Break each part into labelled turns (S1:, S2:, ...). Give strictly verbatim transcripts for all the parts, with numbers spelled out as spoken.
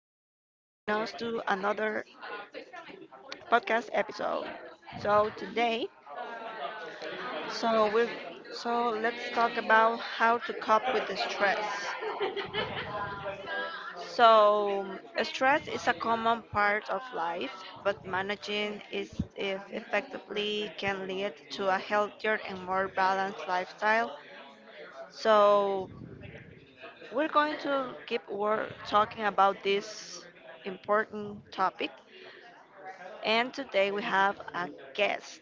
S1: another podcast episode. So today, so we so let's talk about how to cope with the stress. So stress is a common part of life, but managing it if- effectively can lead to a healthier and more balanced lifestyle. So we're going to keep wor- talking about this important topic. And today we have a guest,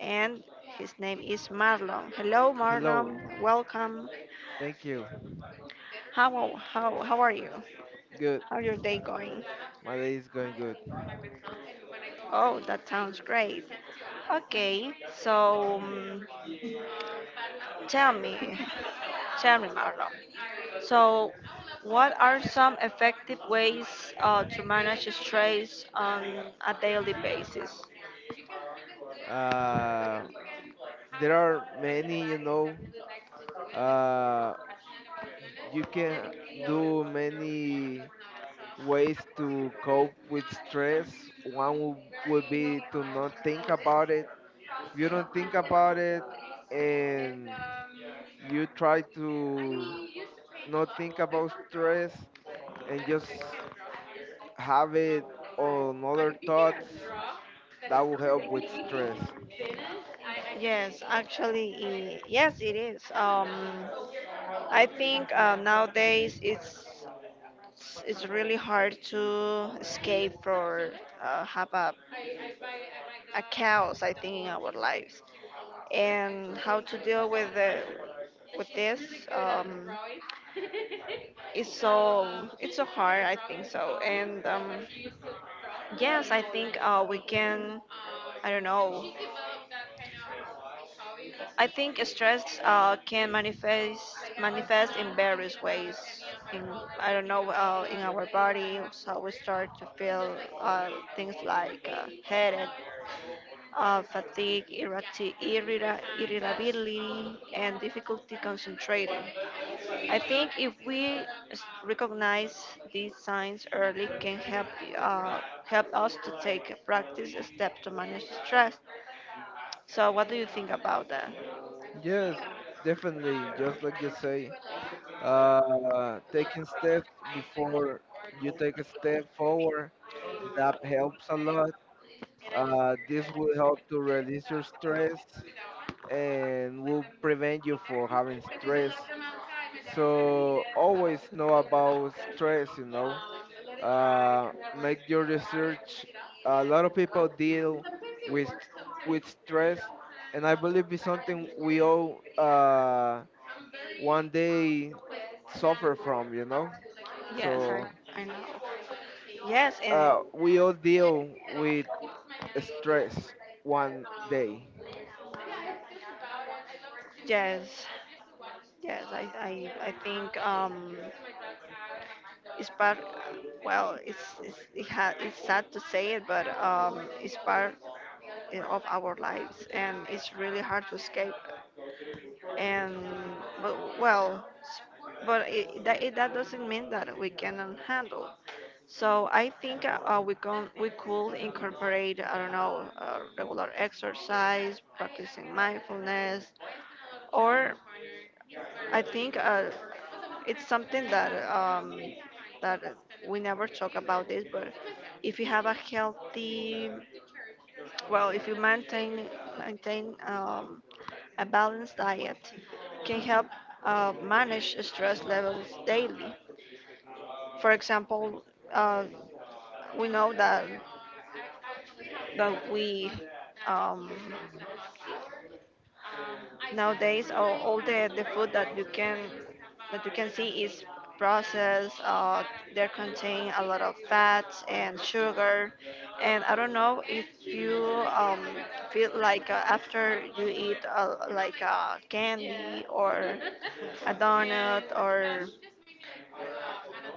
S1: and his name is Marlon. Hello,
S2: Hello.
S1: Marlon. Welcome.
S2: Thank you.
S1: How, how, how are you?
S2: Good.
S1: How your day going?
S2: My day is going good.
S1: Oh, that sounds great. Okay, so um, tell me, tell me, Marlon. So, what are some effective ways uh, to manage stress on a daily basis? But
S2: Uh,
S1: if you can
S2: there
S1: haven't
S2: are
S1: done like
S2: many, you
S1: anybody
S2: know,
S1: that really likes to do it, like
S2: uh,
S1: passionate about doing
S2: you
S1: it,
S2: can
S1: then it can notice,
S2: do
S1: you know, because
S2: many
S1: it's not a soft. I would
S2: ways to
S1: think
S2: cope
S1: that as
S2: with
S1: not
S2: stress.
S1: something
S2: One wo-
S1: very
S2: would be
S1: unique
S2: to
S1: on
S2: not think
S1: the process
S2: about it.
S1: of
S2: If you don't
S1: content.
S2: think about it
S1: And
S2: and
S1: um,
S2: you try to
S1: I used to paint a
S2: not
S1: lot.
S2: think
S1: I don't
S2: about stress
S1: draw. I don't
S2: and just
S1: I can't draw. I
S2: have
S1: just
S2: it
S1: um,
S2: on other
S1: You can
S2: thoughts,
S1: draw that
S2: that
S1: is
S2: will help with
S1: completely
S2: stress.
S1: finished. I, I yes, actually, i yes, it is. Um, I think uh, nowadays it's it's really hard to escape or uh, have a, a chaos, I think, in our lives. And how to deal with the, with this um, is, so it's so hard, I think so. And um, Yes, I think uh, we can. I don't know. I think stress uh, can manifest manifest in various ways. In, I don't know, uh, in our body, so we start to feel uh, things like uh, headache, uh, fatigue, irrati- irrita- irritability, and difficulty concentrating. I think if we s- recognize these signs early, can help uh, help us to take a practice step to manage stress. So, what do you think about that?
S2: Yes, definitely. Just like you say, uh, taking steps before you take a step forward, that helps a lot. Uh, this will help to release your stress and will prevent you from having stress. So always know about stress, you know.
S1: um, and let it dry,
S2: Uh,
S1: and then when it's
S2: make your
S1: gonna dry, I
S2: research.
S1: pick it
S2: A
S1: up.
S2: lot of people
S1: Sometimes
S2: deal
S1: it
S2: with
S1: works,
S2: with
S1: sometimes it
S2: stress, and I
S1: doesn't.
S2: believe it's something we
S1: Like, I
S2: all uh,
S1: am very,
S2: one
S1: like,
S2: day suffer
S1: manual,
S2: from, you
S1: I love
S2: know.
S1: to, like, love. Yes, I,
S2: So
S1: I know. Yes, and
S2: uh, we all deal with stress one
S1: um,
S2: day.
S1: yes, yes, I, I, I think um, it's part. Well, it's it's it ha, it's sad to say it, but um, it's part in, of our lives, and it's really hard to escape. And but well, s- but it, that, it, that doesn't mean that we cannot handle. So I think uh, uh, we can we could incorporate, I don't know, uh, regular exercise, practicing mindfulness, or I think uh, it's something that um, that we never talk about this, but if you have a healthy. Well, if you maintain maintain um, a balanced diet, can help uh, manage stress levels daily. For example, uh, we know that that we, um, nowadays, all, all the, the food that you can that you can see is processed. Uh, they contain a lot of fats and sugar, and I don't know if you um, feel like uh, after you eat uh, like a candy or a donut or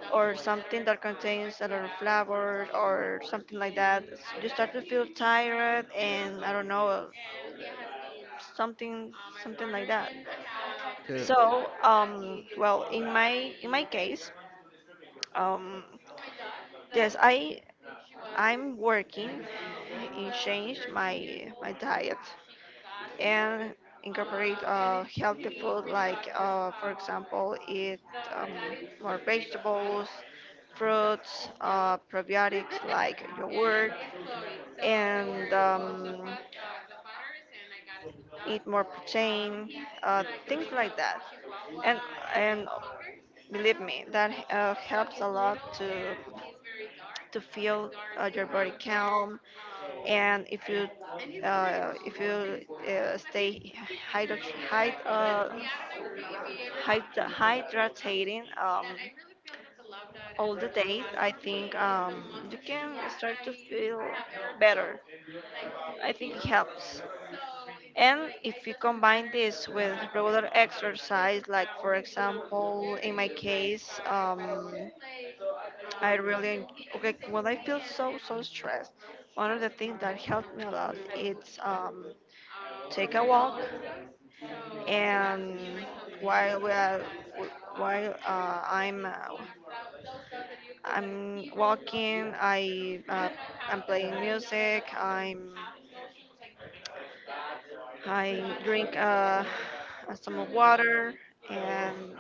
S1: or something that contains a lot of flour or something like that, you start to feel tired and I don't know, something something like that.
S2: Yes.
S1: So, um, well, in my in my case, um, yes, I, I'm working in change my my diet and incorporate uh, healthy food, like uh, for example eat, um, more vegetables, fruits, uh, probiotics like yogurt, and um, eat more protein, uh, things like that. And and believe me that uh, helps a lot to to feel uh, your body calm. And if you uh, if you uh, stay hydro- hyd- uh, hyd- hydrating um, all the day, I think um, you can start to feel better. I think it helps. And if you combine this with regular exercise, like for example, in my case, um, I really okay when I feel so so stressed. One of the things that helped me a lot is um, take a walk. And while we are, while uh, I'm uh, I'm walking, I uh, I'm playing music, I'm I drink uh, some water and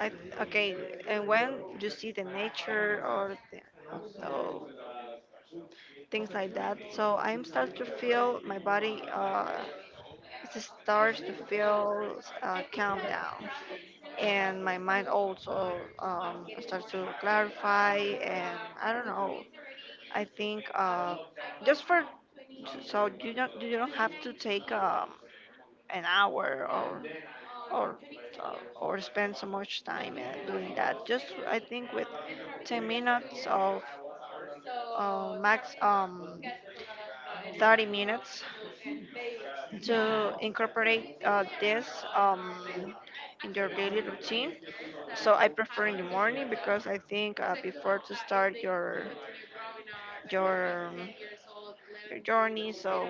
S1: I okay. And when you see the nature or the, so things like that, so I'm start to feel my body. Uh, it starts to feel uh, calm down, and my mind also um, starts to clarify. And I don't know. I think, uh, just for so you don't you don't have to take, um, an hour or or uh, or spend so much time uh, doing that. Just I think with ten minutes of, uh, max, um, thirty minutes to incorporate uh, this um, in your daily routine. So I prefer in the morning because I think uh, before to start your your um, your journey, so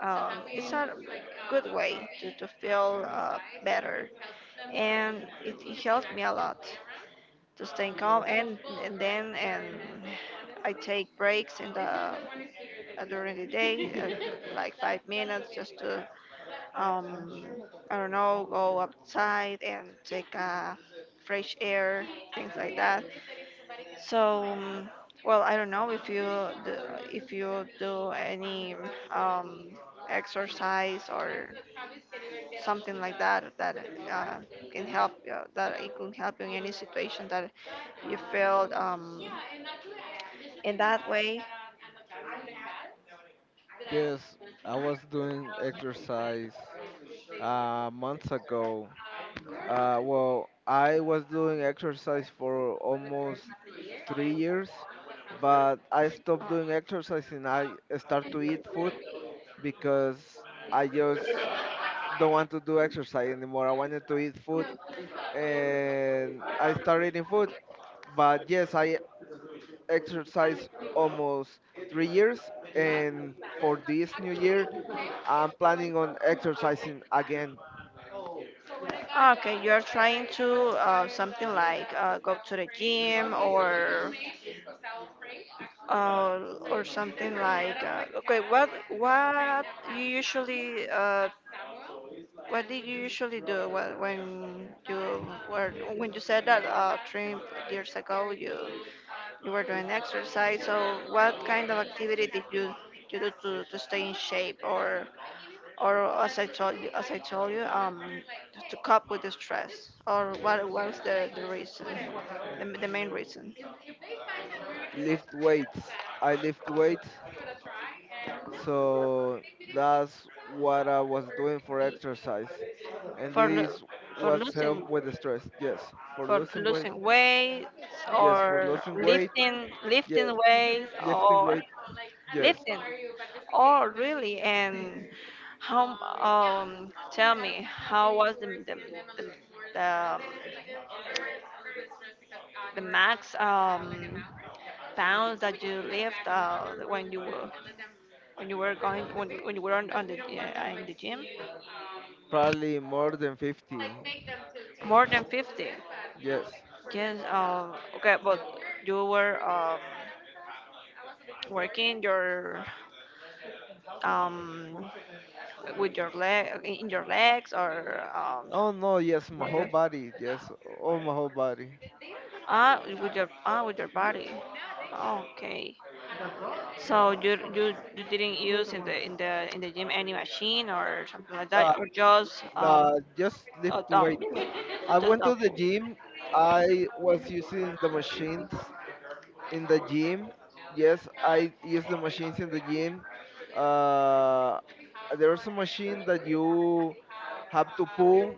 S1: um, it's a good way to, to feel uh, better, and it, it helped me a lot to stay calm. And, and then and I take breaks in the, uh, during the day, uh, like five minutes just to, um, I don't know, go outside and take uh, fresh air, things like that. So um, well, I don't know if you do, if you do any um, exercise or something like that that uh, can help, uh, that it can help you in any situation that you feel, um, in that way?
S2: Yes, I was doing exercise uh, months ago. Uh, well, I was doing exercise for almost three years, but I stopped doing exercise and I start to eat food because I just don't want to do exercise anymore. I wanted to eat food and I started eating food. But yes, I exercise almost three years, and for this new year, I'm planning on exercising again.
S1: Okay, you're trying to uh, something like uh, go to the gym or uh, or something like uh, okay, what what you usually uh, what did you usually do wh- when you were when you said that uh, three years ago, you. You were doing exercise. So what kind of activity did you you do to, to stay in shape, or or as I told you as I told you, um, to cope with the stress, or what was the, the reason, the, the main reason?
S2: Lift weights. I lift weights, so that's what I was doing for exercise, and
S1: For, lo-
S2: this
S1: for
S2: was
S1: losing
S2: help with the stress. Yes, for
S1: for
S2: losing weight.
S1: losing weight
S2: Yes, for
S1: or
S2: losing weight.
S1: lifting lifting
S2: Yes,
S1: weights
S2: lifting
S1: or
S2: weight. Yes,
S1: lifting? Oh really? And how, um tell me how was the the, the, the, the max, um pounds that you lift, uh, when you were when you were going, when, when you were on, on the, uh, in the gym?
S2: probably more than fifty.
S1: More than fifty?
S2: Yes.
S1: Yes. Uh, okay, but you were, um, working your, um, with your leg in your legs, or, um,
S2: Oh no, yes, my
S1: how's
S2: whole
S1: it?
S2: body. Yes, all my whole body.
S1: Ah, with your, ah, with your body. Okay. So you you, you didn't use in the in the in the gym any machine or something like
S2: Ah,
S1: that, or just um,
S2: nah, just lift
S1: a dumb,
S2: weights. I
S1: just
S2: went
S1: dumb.
S2: to the gym. I was using the machines in the gym. Yes, I use the machines in the gym. Uh, there's a machine that you have to pull,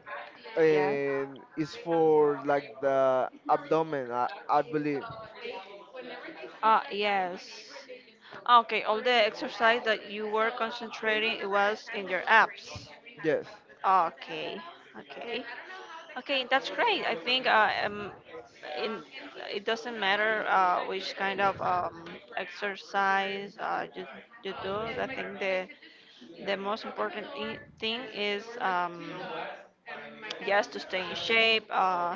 S1: Yeah.
S2: and it's for like the abdomen, I, I believe.
S1: Ah, yes. Ah, okay, all the exercise that you were concentrating, it was in your apps.
S2: Yes,
S1: Okay, okay, okay. That's great. I think uh, um, in, it doesn't matter uh, which kind of um, exercise uh, you you do. I think the the most important i- thing is um, yes, to stay in shape. Uh,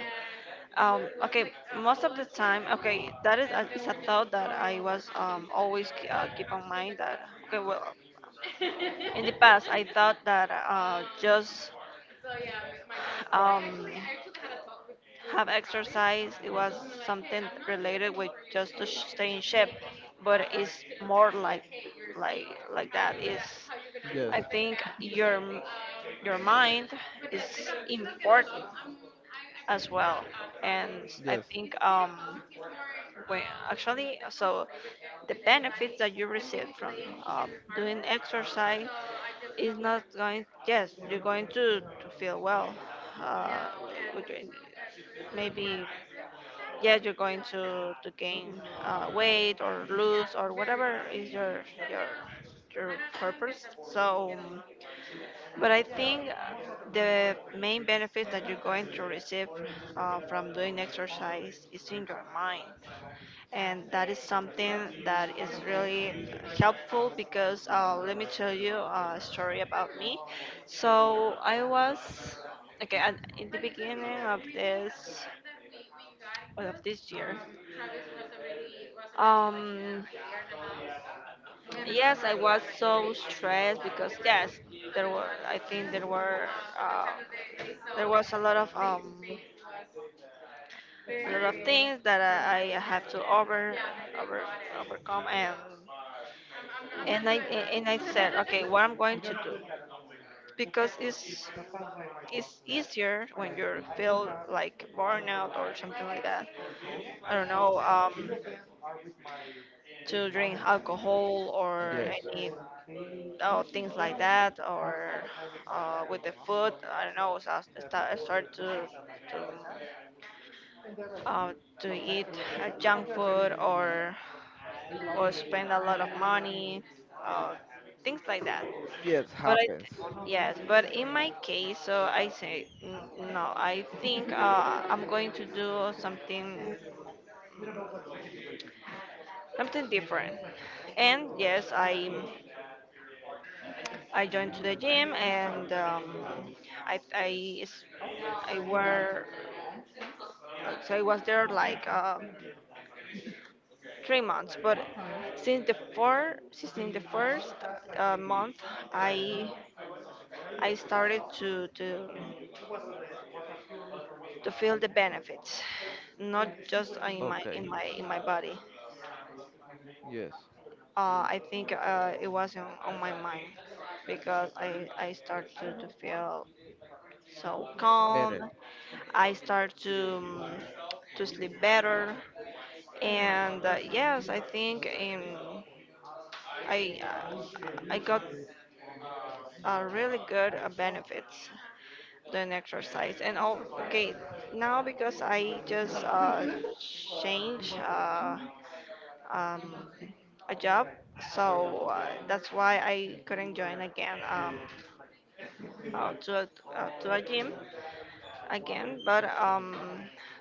S1: um, Okay, most of the time, okay, that is a, is a thought that I was um, always k- uh, keep on mind that, okay, well, in the past, I thought that uh, just um, have exercise, it was something related with just to sh- stay in shape, but it's more like, like, like that is.
S2: yes,
S1: I think your, m- your mind is important as well. And I
S2: yes,
S1: think, um, well, actually, so the benefits that you receive from, um, doing exercise is not going. Yes, you're going to, to feel well. Uh, with your- Maybe, yeah, you're going to to gain, uh, weight or lose or whatever is your your your purpose. So. um, but I think uh, the main benefit that you're going to receive uh, from doing exercise is in your mind. And that is something that is really helpful because, uh, let me tell you a story about me. So I was, okay, at, in the beginning of this of this year, um, yes, I was so stressed because, yes, there were. I think there were. Uh, there was a lot of, um, a lot of things that I, I have to over, over, overcome. And and I and I said, okay, what I'm going to do, because it's it's easier when you feel like burnout or something like that. I don't know. Um, to drink alcohol or
S2: yes.
S1: any. Oh, things like that, or uh, with the food. I don't know. So I sta- I start to to uh, to eat, uh, junk food or or spend a lot of money, uh, things like that.
S2: Yes,
S1: But I
S2: happens.
S1: th- yes, but in my case, so I say, "N- no. I think, uh, I'm going to do something something different." And yes, I I joined to the gym, and um, I, I, s- I were, uh, so I was there like, um, three months. But since the four since in the first, uh, month, I I started to to to feel the benefits, not just in my
S2: Okay,
S1: in my in my body.
S2: yes.
S1: Uh, I think uh, it was on, on my mind because I I started to, to feel so calm.
S2: Better.
S1: I start to um, to sleep better, and uh, yes, I think um, I uh, I got uh, really good uh, benefits doing exercise. And oh, okay, now because I just uh, change uh, um, a job, so uh, that's why I couldn't join again um, uh, to a, uh, to a gym again. But um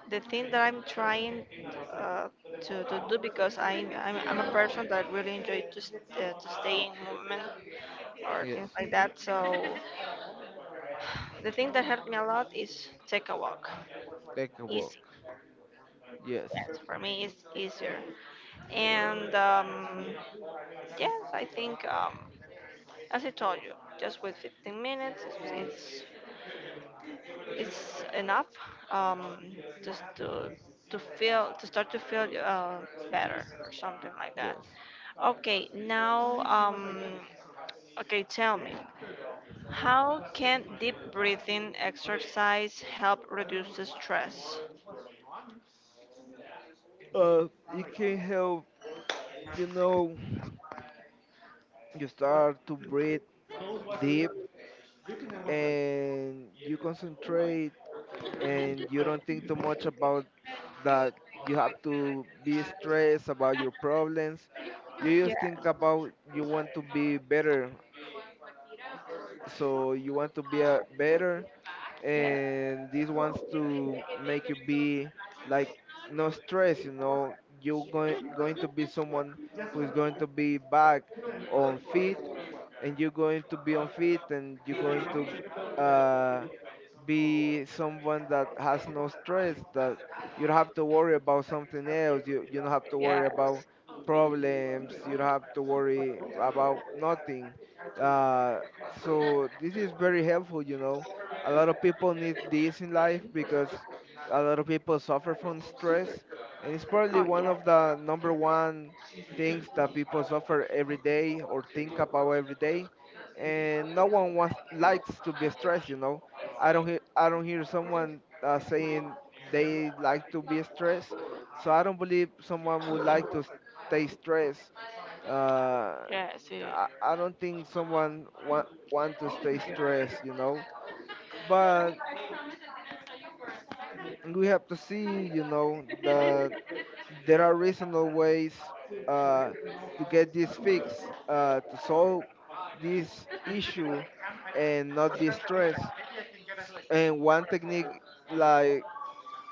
S1: the thing that I'm trying uh, to, to do because I'm, I'm i'm a person that really enjoy to, st- uh, to stay in movement or
S2: Yes.
S1: things like that, so the thing that helped me a lot is take a walk.
S2: Take a walk.
S1: Easy,
S2: Yes.
S1: yes, for me it's easier. And um yes, i think um as I told you, just with fifteen minutes it's, it's it's enough, um, just to to feel to start to feel uh, better or something like that.
S2: Yes.
S1: Okay, now um, okay, tell me, how can deep breathing exercise help reduce the stress?
S2: Uh, it can help, you know, you start to breathe deep and you concentrate and you don't think too much about that you have to be stressed about your problems. You just think
S1: Yes,
S2: about you want to be better. So you want to be a better, and this wants to make you be like no stress. you know you're going going to be someone who is going to be back on feet, and you're going to be on feet, and you're going to uh, be someone that has no stress, that you don't have to worry about something else, you, you don't have to
S1: yes,
S2: worry about
S1: yes.
S2: problems, you don't have to worry about nothing. uh, so this is very helpful you know A lot of people need this in life because a lot of people suffer from stress, and it's probably
S1: Oh
S2: one
S1: yeah,
S2: of the number one things that people suffer every day or think about every day, and no one wants likes to be stressed you know i don't hear i don't hear someone uh, saying they like to be stressed, so I don't believe someone would like to stay stressed. uh,
S1: yeah. See,
S2: I, I don't think someone want want to stay stressed, you know but we have to see, you know, that there are reasonable ways uh, to get this fixed, uh, to solve this issue and not be stressed. And one technique, like,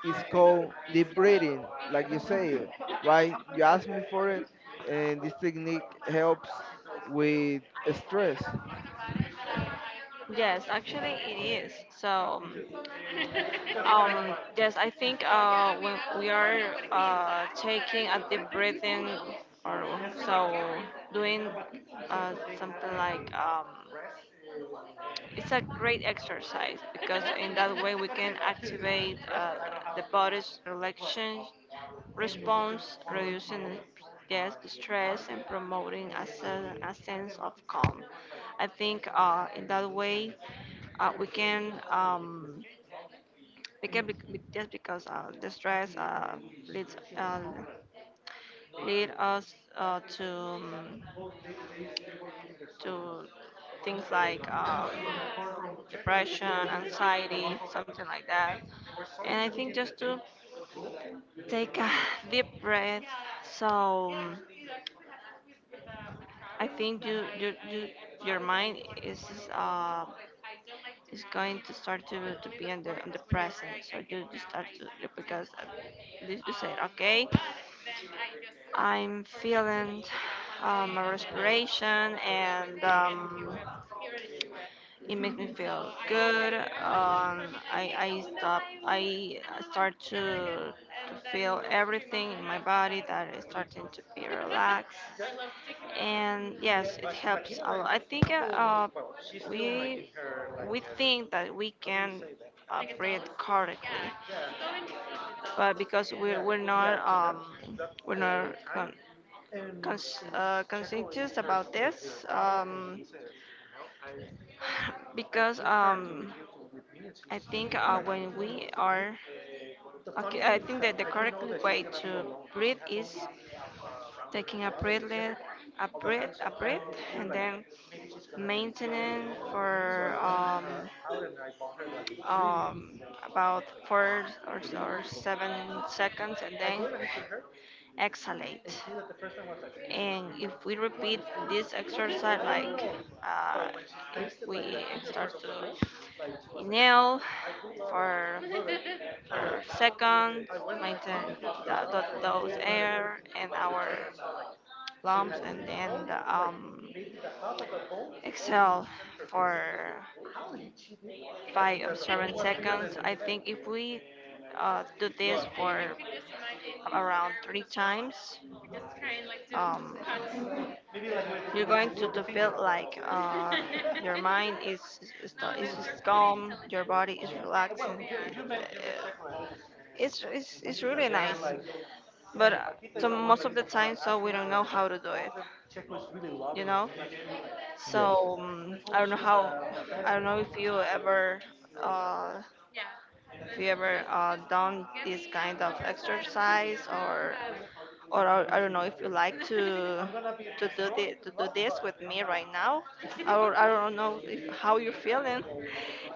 S2: is called deep breathing, like you say, right? You asked me for it, and this technique helps with stress.
S1: yes, actually it is. So, um, yes, I think uh, when we are uh, taking a deep breathing or so doing uh, something like um. it's a great exercise because in that way we can activate uh, the body's relaxation response, reducing, yes, stress and promoting a, sen- a sense of calm. I think uh, in that way uh, we can um, we can be, be- just because uh, the stress uh, leads uh, lead us uh, to. um, to things like um, depression, anxiety, something like that. And I think just to take a deep breath. So um, I think you, you, you your mind is uh, is going to start to, to be on the on the present. So you just start to because uh, you you said okay, I'm feeling uh, my respiration and. Um, it makes me feel good. Um, I, I stop. I start to to feel everything in my body that is starting to be relaxed, and yes, it helps a lot. I think uh, uh, we we think that we can uh, breathe correctly, but because we're we're not um, we're not con- cons- uh, conscientious about this, um, because um, I think uh, when we are, okay, I think that the correct way to breathe is taking a breath, let- a breath, a breath, and then maintenance for um, um, about four or, or seven seconds and then exhalate. And if we repeat this exercise, like uh, if we start to inhale for for second, maintain the, the, those air and our lumps and then um, exhale for five or seven seconds. I think if we uh, do this for around three times, um, you're going to, to feel like uh, your mind is is, sto- is just calm, your body is relaxing. Uh, It's, it's, it's really nice, but uh, so most of the time, so we don't know how to do it, you know?
S2: Yes.
S1: So um, I don't know how. I don't know if you ever, uh, if you ever uh, done this kind of exercise, or or I I don't know if you like to to do this to do this with me right now. Or I don't know if, how you're feeling.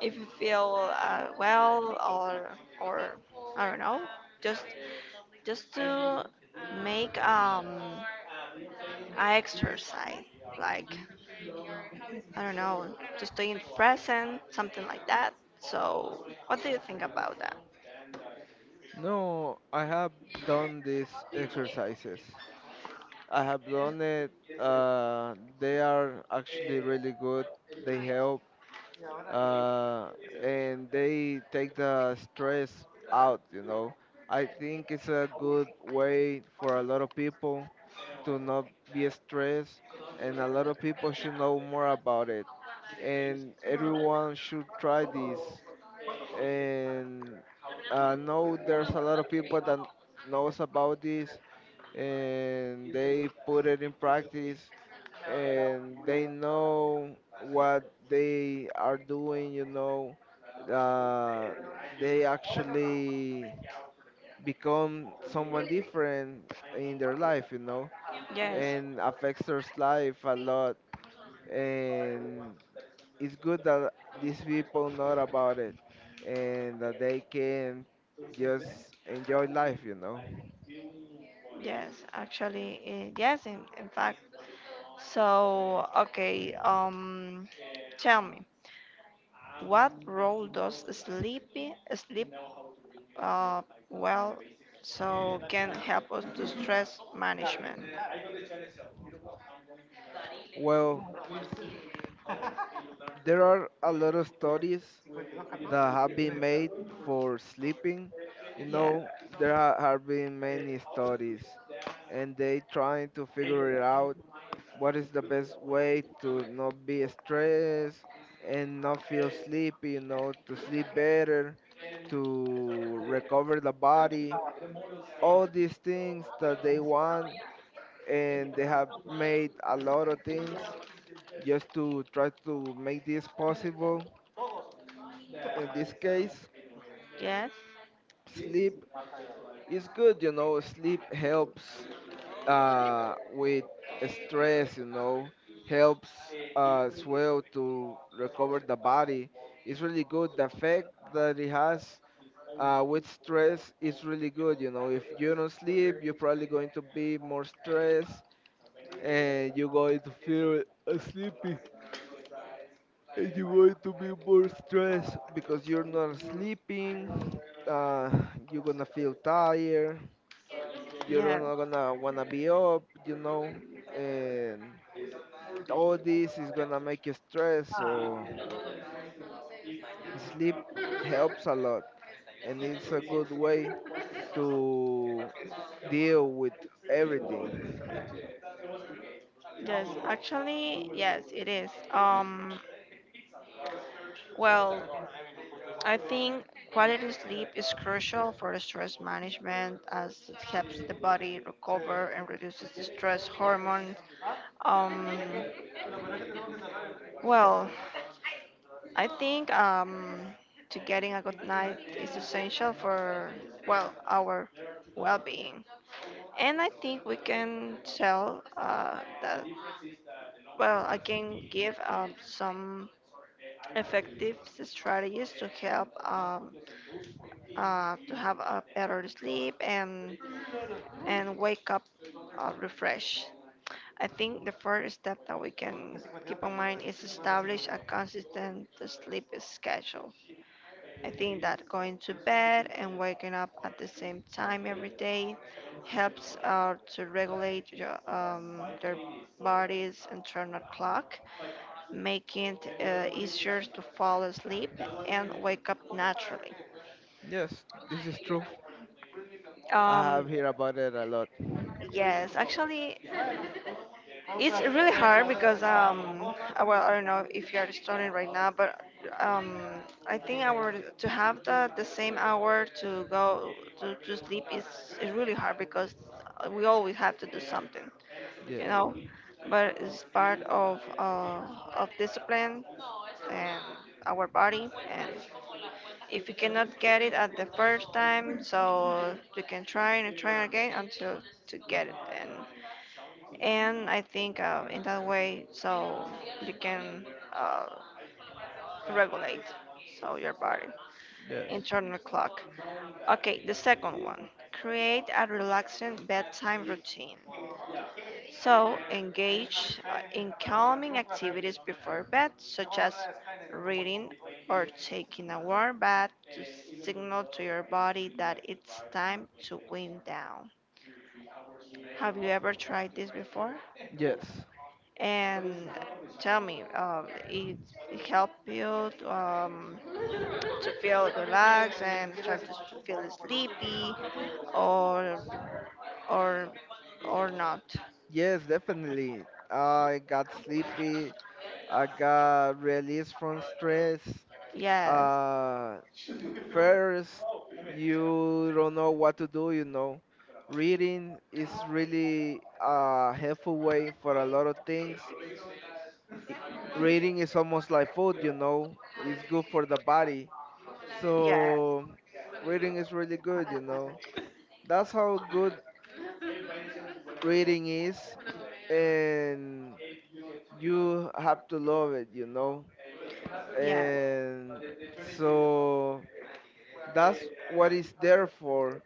S1: If you feel uh, well, or or I don't know. Just just to make um a exercise like. I don't know, just stay present, something like that. So, what do you think about that?
S2: No, I have done these exercises. I have done it. Uh, they are actually really good. They help uh, and they take the stress out. You know, I think it's a good way for a lot of people to not be stressed, and a lot of people should know more about it. And everyone should try this. And I know there's a lot of people that knows about this, and they put it in practice and they know what they are doing you know uh, they actually become someone different in their life you know
S1: Yes,
S2: and affects their life a lot, and it's good that these people know about it and that they can just enjoy life you know
S1: yes, actually, eh, yes, in, in fact. So, okay, um, tell me, what role does sleepy sleep uh, well so can help us to stress management?
S2: Well, there are a lot of studies that have been made for sleeping. You
S1: Yeah,
S2: know, there ha- have been many studies, and they trying to figure it out what is the best way to not be stressed and not feel sleepy. You know, to sleep better, to recover the body, all these things that they want, and they have made a lot of things just to try to make this possible in this case.
S1: yes,
S2: Sleep is good. You know, sleep helps uh, with stress. You know, helps uh, as well to recover the body. It's really good. The effect that it has uh, with stress is really good. You know, if you don't sleep, you're probably going to be more stressed, and you're going to feel uh, sleepy. And you're going to be more stressed because you're not sleeping. Uh, you're gonna feel tired. You're
S1: yes.
S2: not gonna wanna be up, you know, and all this is gonna make you stress. So sleep helps a lot, and it's a good way to deal with everything.
S1: Yes, actually, yes, it is. Um, well, I think quality sleep is crucial for stress management as it helps the body recover and reduces the stress hormones. Um, well, I think um, to getting a good night is essential for well our well-being, and I think we can tell uh, that, well, I can give um, some effective strategies to help um, uh, to have a better sleep and and wake up uh, refreshed. I think the first step that we can keep in mind is establish a consistent sleep schedule. I think that going to bed and waking up at the same time every day helps uh, to regulate your, um, their body's internal clock, making it uh, easier to fall asleep and wake up naturally.
S2: Yes, this is true. I
S1: Um,
S2: have heard about it a lot.
S1: yes, actually, it's really hard because um, uh, well, I don't know if you are studying right now, but um, I think our to have the the same hour to go to, to sleep is is really hard because we always have to do something, you
S2: Yes,
S1: know. But it's part of uh, of discipline and our body and if you cannot get it at the first time, so you can try and try again until to get it. And and I think uh, in that way, so you can uh, regulate so your body
S2: yes,
S1: internal clock. Okay, the second one. Create a relaxing bedtime routine. So engage uh, in calming activities before bed, such as reading or taking a warm bath to signal to your body that it's time to wind down. Have you ever tried this before?
S2: yes.
S1: And tell me, uh, it, it helped you um, to feel relaxed and start to feel sleepy, or or or not?
S2: Yes, definitely. I got sleepy. I got release from stress.
S1: Yes,
S2: Uh, First, you don't know what to do, you know. Reading is really a helpful way for a lot of things. I- Reading is almost like food, you know. It's good for the body.
S1: yes.
S2: So, reading is really good, you know. That's how good reading is. And you have to love it, you know.
S1: Yes.
S2: And so that's what it's there for,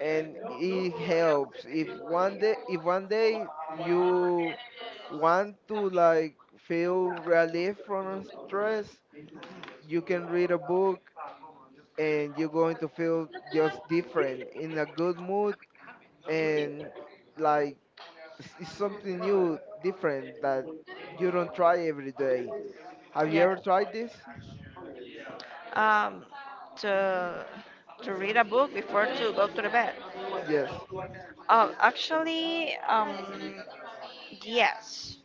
S2: and it helps. If one day, if one day you want to like feel relief from stress, you can read a book, and you're going to feel just different, in a good mood, and like it's it's something new, different that you don't try every day. Have you
S1: Yeah.
S2: ever tried this?
S1: Um, to to read a book before to go to the bed.
S2: Yes,
S1: Uh, actually, um, yes,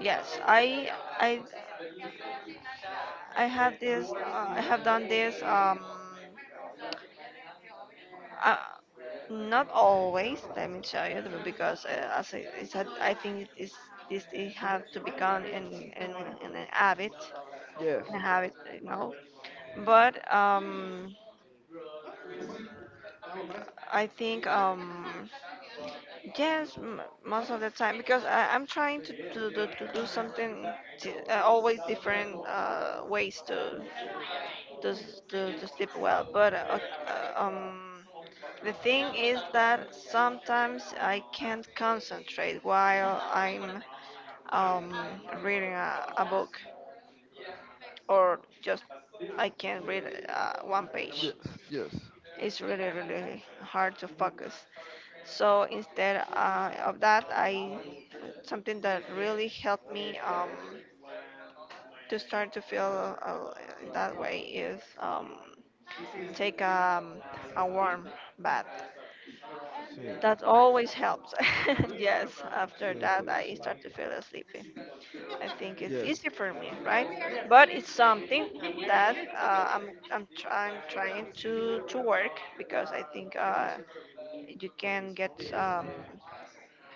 S1: yes. I I I have this. Uh, I have done this. Um, uh, not always. Let me tell you because uh, as I, it's a, I think it's this it have to become an an, an habit.
S2: yes,
S1: I have it right now. But um, I think um, yes, m- most of the time because I, I'm trying to, to, do to do something t- uh, always different uh, ways to to, s- to to sleep well. But uh, uh, um, the thing is that sometimes I can't concentrate while I'm um, reading a, a book, or just I can read uh, one
S2: yes,
S1: page.
S2: yes.
S1: It's really really hard to focus, so instead uh, of that I something that really helped me um, to start to feel uh, that way is um, take um, a warm bath.
S2: Sí,
S1: That always helps. Yes, after
S2: sí,
S1: that
S2: sí,
S1: i
S2: sí.
S1: start to feel sleepy. I think it's
S2: Yes,
S1: easy for me, right? But it's something that uh, I'm, I'm, try- I'm trying to, to work because I think uh, you can get um,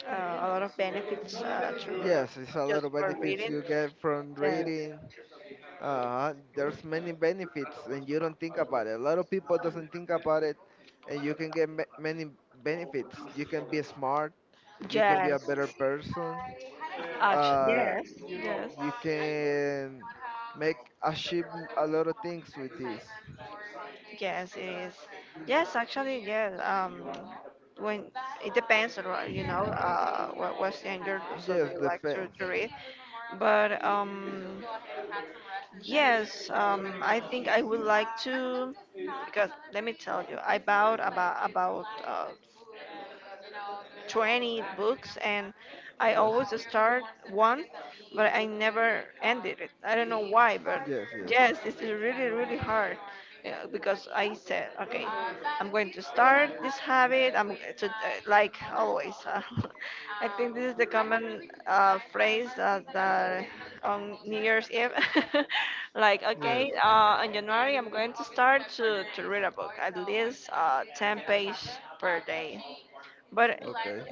S1: uh, a lot of benefits uh, through
S2: yes. It's a lot
S1: just
S2: of
S1: for
S2: benefits
S1: reading.
S2: you get from
S1: Yes,
S2: reading. Uh, there's many benefits, and you don't think about it. A lot of people doesn't think about it, and you can get ma- many benefits. You can be smart. You can be a
S1: yes,
S2: better person.
S1: actually,
S2: Uh,
S1: yes,
S2: you can make achieve a
S1: yes.
S2: lot of things with this.
S1: Yes, it is. Yes, actually, yes. Um, when it depends, right, you know, uh, what what the so
S2: Yes,
S1: they like to,
S2: depends.
S1: to read. But um, yes, um, I think I would like to because let me tell you, I bought about about uh, twenty books and I
S2: Yes,
S1: always start one, but I never ended it. I don't know why, but
S2: yes, yes,
S1: yes, this is really, really hard. Yeah, because I said, okay, I'm going to start this habit. I'm g- to, uh, like always. uh, I think this is the common uh, phrase uh, that on New Year's Eve, like,
S2: yes.
S1: okay, uh, in January I'm going to start to, to read a book, at least uh, ten pages per day. But uh,
S2: Okay.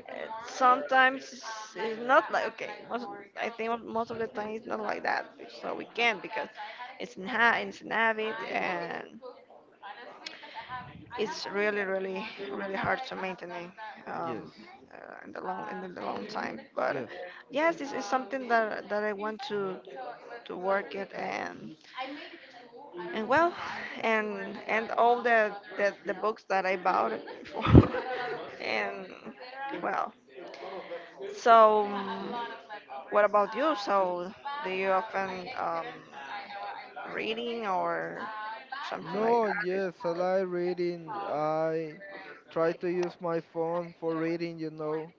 S1: sometimes it's it's not like okay. Most I think mo- most of the time it's not like that, so we can because it's an ha- it's an habit and it's really really really hard to maintain,
S2: Yes.
S1: um, uh, in the long in the long time. But
S2: Yes.
S1: yes, this is something that that I want to to work it, and and well and and all the the, the books that I bought for, and well, so, um, what about you? So, do you often um, reading or something like
S2: No,
S1: that?
S2: yes, I like reading. I try to use my phone for reading, you know.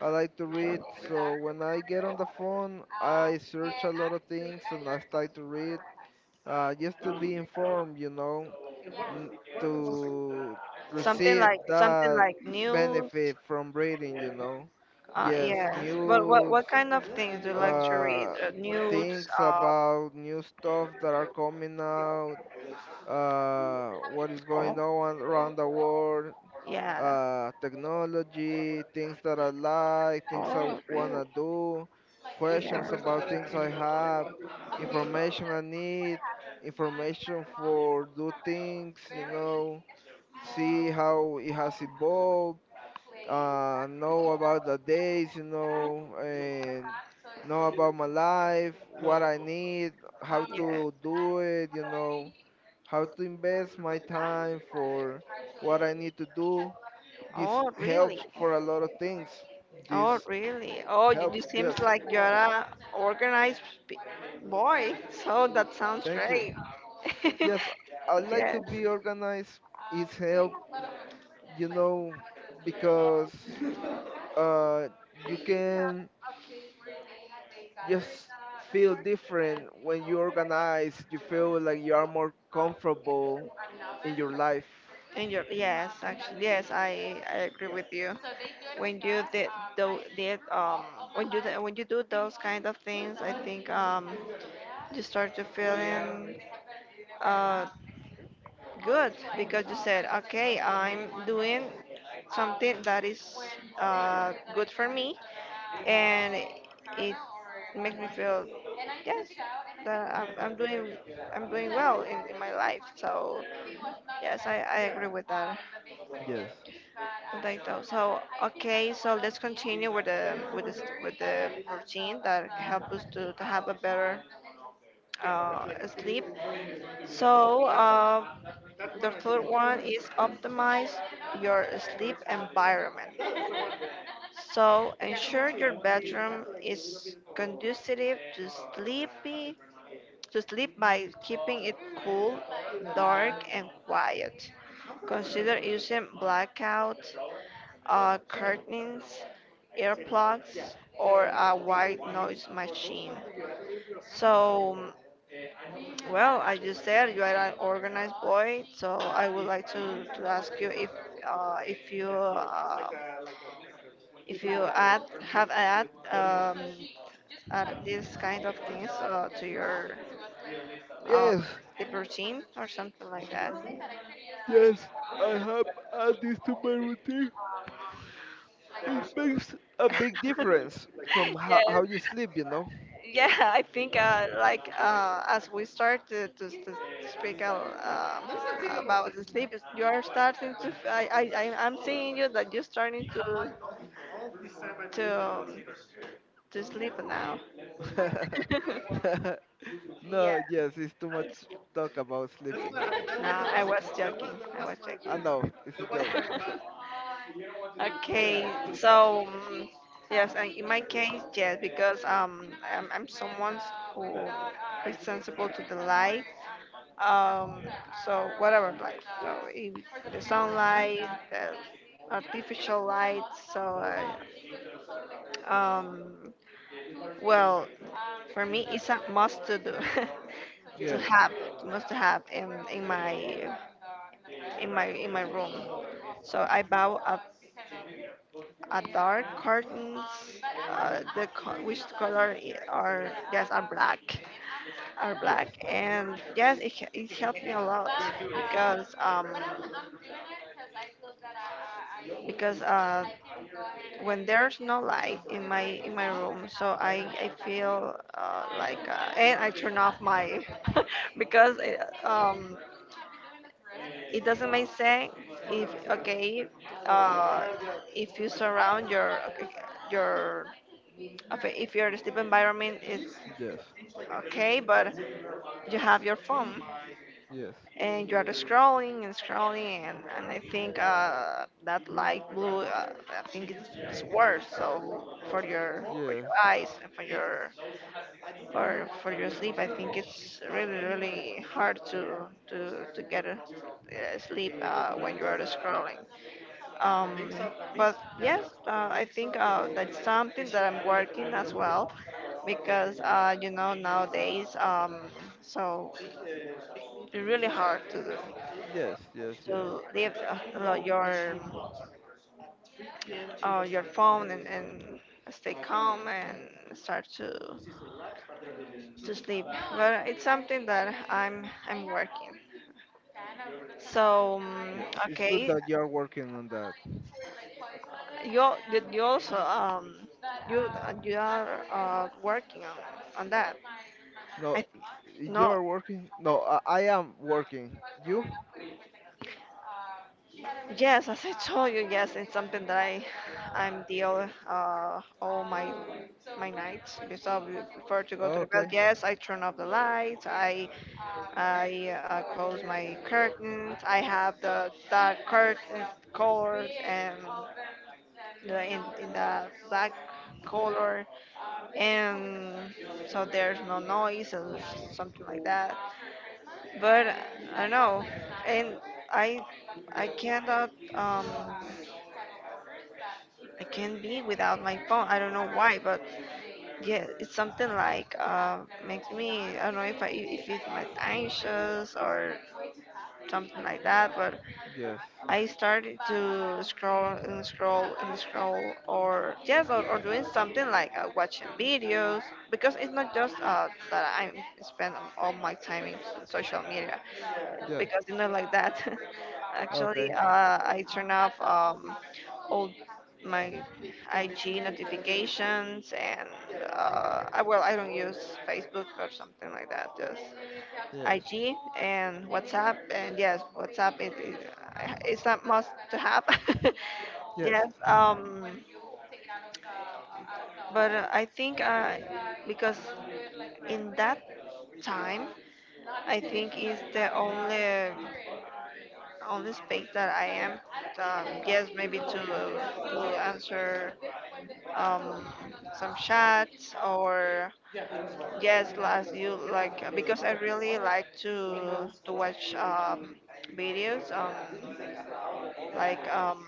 S2: I like to read, so when I get on the phone, I search a lot of things and I start to read uh, just to be informed, you know, n- to
S1: Something
S2: receive
S1: like something
S2: that
S1: like news?
S2: benefit from reading, you know.
S1: Uh,
S2: Yes,
S1: yes. But what
S2: news,
S1: what kind of things do you like to read?
S2: uh,
S1: Uh, news?
S2: things
S1: Uh,
S2: about new stuff that are coming out, uh, what is going
S1: oh,
S2: on around the world,
S1: yeah.
S2: uh, technology, things that I like, things I
S1: Oh, really?
S2: wanna do, questions
S1: Yeah.
S2: about things I have, information I need, information for do things, you know, see how it has evolved, uh, know about the days, you know, and know about my life, what I need, how
S1: Yeah.
S2: to do it, you know, how to invest my time for what I need to do. This
S1: Oh, really?
S2: helps for a lot of things.
S1: Oh,
S2: This
S1: really? Oh, you, you
S2: helps, yes.
S1: seems like you're a organized p- boy. So that sounds
S2: Thank you.
S1: great.
S2: Yes, I like to be organized. It's help, you know, because uh, you can just feel
S1: Yes.
S2: different when you organize. You feel like you are more comfortable in your life.
S1: And your yes, actually, yes, I I agree with you. When you did though did um when you th- when you do those kind of things, I think um you start to feeling uh good because you said okay, I'm doing something that is uh good for me, and it makes me feel yes that I'm, I'm doing I'm doing well in, in my life. So. Yes, I, I agree with that.
S2: Yes.
S1: With that though. So okay, so let's continue with the with the s- with the routine that help us to, to have a better uh, sleep. So uh, the third one is optimize your sleep environment. So ensure your bedroom is conducive to sleepy to sleep by keeping it cool, dark, and quiet. Consider using blackout uh, curtains, earplugs, or a white noise machine. So, well, as you said, you are an organized boy, so I would like to, to ask you if uh, if you uh, if you add have add um, add these kind of things uh, to your uh,
S2: Yes.
S1: sleep routine or something like that.
S2: Yes. I have added this to my routine. It makes a big difference from how, how
S1: yes
S2: you sleep, you know.
S1: Yeah, I think uh, like uh, as we start to, to, to speak uh, um, about the sleep, is- you are starting to. f- I I I'm I'm seeing you that you're starting to to um, to sleep now. Yeah.
S2: No, yes, it's too much talk about sleeping.
S1: No, I was joking. I was
S2: I
S1: joking.
S2: know, it's a joke.
S1: Okay, so um, yes, and in my case, yes, because um, I'm, I'm someone who is sensible to the light. Um, so whatever, like so if the sunlight, the artificial light. So uh, um, well, for me, it's a must to do, to
S2: Yes.
S1: have, must to have in in my in my in my room. So I bow up a dark curtains. Uh, the co- which color i- are yes are black, are black,
S2: Yes.
S1: and yes, it h- it helped me a lot because um because uh when there's no light in my in my room, so i i feel uh, like uh, and I turn off my because uh, um it doesn't make sense if okay, uh, if you surround your your okay, if your sleep environment is
S2: Yes.
S1: okay but you have your phone
S2: Yes.
S1: and you are scrolling and scrolling and, and I think uh, that light blue, uh, I think it's, it's worse so for your for your
S2: Yes.
S1: eyes and for your for for your sleep. I think it's really really hard to to to get a, uh, sleep uh, when you are scrolling. um, but yes, uh, I think uh, that's something that I'm working as well because uh, you know nowadays, um, so it's really hard to do,
S2: Yes. Yes. Yes.
S1: to leave uh, your uh, your phone and, and stay calm and start to to sleep. But it's something that I'm I'm working. So um,
S2: Yes, it's good
S1: okay,
S2: that you are working on that.
S1: you al- you you also um you you are uh, working on on that.
S2: No,
S1: I
S2: you
S1: No.
S2: are working. No, I, I am working. You?
S1: Yes, as I told you, yes, it's something that I I'm deal uh all my my nights before before to go to the bed.
S2: Okay.
S1: Yes, I turn off the lights. I I uh, close my curtains. I have the dark curtain color and the in, in the black color, and so there's no noise or something like that. But I know, and I I cannot um I can't be without my phone. I don't know why, but yeah, it's something like uh makes me, I don't know if I if it makes anxious or something like that, but
S2: Yes.
S1: I started to scroll and scroll and scroll, or yes, or, or doing something like uh, watching videos, because it's not just uh, that I spend all my time in s- social media,
S2: Yes.
S1: because it's not like that. Actually,
S2: Okay.
S1: uh, I turn off um, all my I G notifications, and uh, I, well, I don't use Facebook or something like that. Just
S2: Yes.
S1: I G and WhatsApp. And yes, WhatsApp it, it, it's a must to have.
S2: Yes.
S1: Yes. Um, but uh, I think uh, because in that time, I think is the only only space that I am. Um, yes, maybe to to answer um, some chats or yes, last you like uh, because I really like to to watch um, videos um like um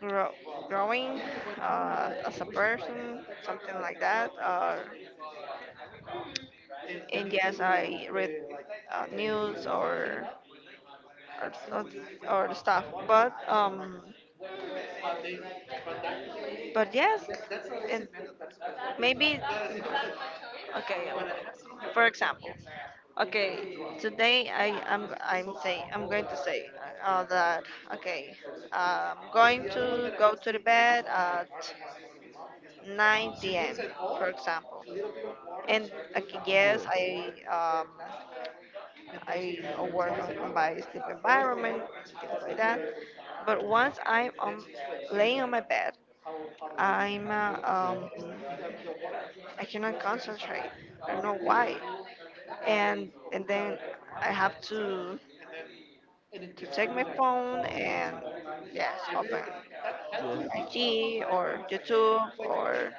S1: grow, growing uh, as a person, something like that, uh, and yes, I read uh, news or or, or or stuff, but um but yes, and maybe okay, well, for example, okay, today I am I'm saying I'm going to say uh, that okay, I'm going to go to the bed at nine p m for example, and okay, yes,
S2: Yes.
S1: I um, I work on my sleep environment, things like that. But once I'm on, laying on my bed, I'm uh,
S2: See.
S1: um, I cannot concentrate. I don't know why. And and then I have to to take my phone and yes, open
S2: Yes.
S1: I G or YouTube or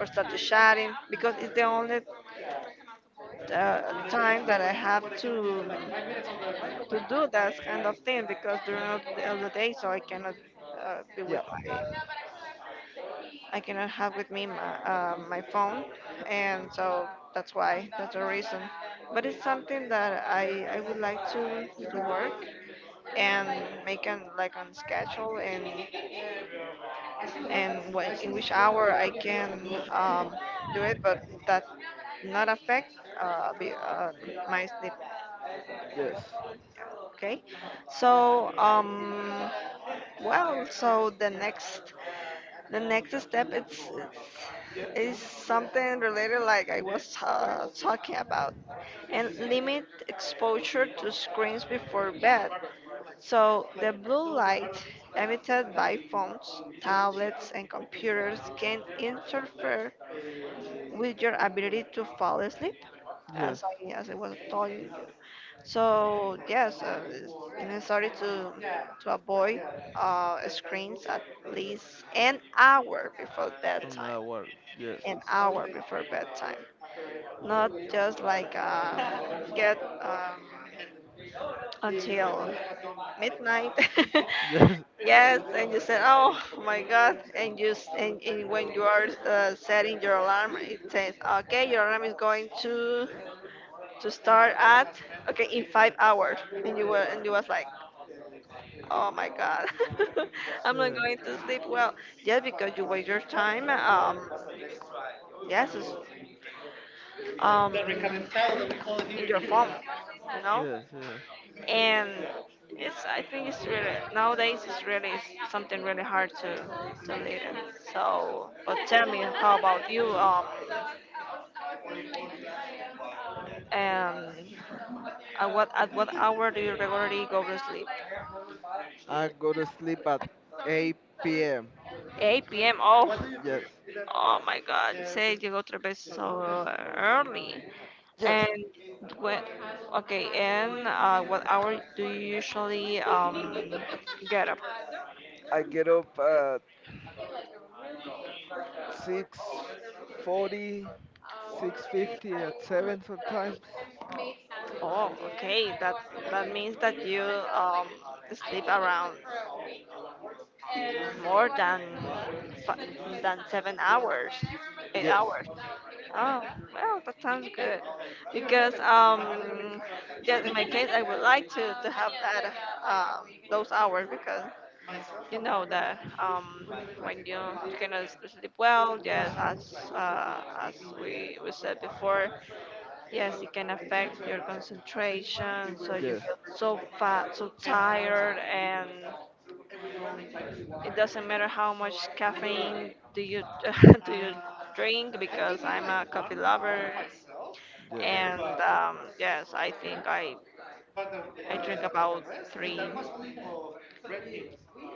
S1: or start to chatting because it's the only uh, time that I have to to do that kind of thing because during the the day, so I cannot uh, be with
S2: Yeah.
S1: my, I cannot have with me my, uh, my phone, and so that's why, that's the reason. But it's something that I, I would like to, to work and make an like on schedule and and when, in which hour I can um, do it, but that not affect uh, be, uh, my sleep.
S2: Yes.
S1: Okay, so um, well, so the next The next step it's, is something related like I was ta talking about, and limit exposure to screens before bed. So the blue light emitted by phones, tablets, and computers can interfere with your ability to fall asleep,
S2: Yes.
S1: as I as I was told you. So yes, uh, it's necessary to to avoid uh, screens at least an hour before
S2: I'm
S1: bedtime,
S2: not work. Yes.
S1: an hour before bedtime. Not just like uh, get um, until midnight.
S2: Yes.
S1: Yes, and you said, "Oh my God!" And you s- and, and when you are uh, setting your alarm, it says, "Okay, your alarm is going to to start at okay in five hours," and you were and you was like, "Oh my God, I'm not
S2: Yeah.
S1: going to sleep well." Yes, because you waste your time. Um, yes, it's, um, in your phone, you know.
S2: Yes. Yeah.
S1: And it's, I think it's really, nowadays it's really s- something really hard to to live in. So, but tell me, how about you? Um, and At what, at what hour do you regularly go to sleep?
S2: I go to sleep at eight p m.
S1: eight p m. Oh,
S2: Yes.
S1: oh my God! Say, you go to bed so early.
S2: Yes.
S1: And when okay, and uh, what hour do you usually um get up?
S2: I get up at six forty, six fifty at seven sometimes.
S1: Oh, okay. That that means that you um sleep around more than fi- than seven hours, eight
S2: Yes,
S1: hours. Oh, well, that sounds good. Because um, yeah, in my case, I would like to to have that um those hours because you know that um when you you cannot s- sleep well, yes, as uh, as we we said before, yes, it can affect your concentration. So you
S2: yes,
S1: feel so fat, so tired, and it doesn't matter how much caffeine do you do you drink, because I'm a coffee lover.
S2: yes.
S1: And um, yes, I think I I drink about three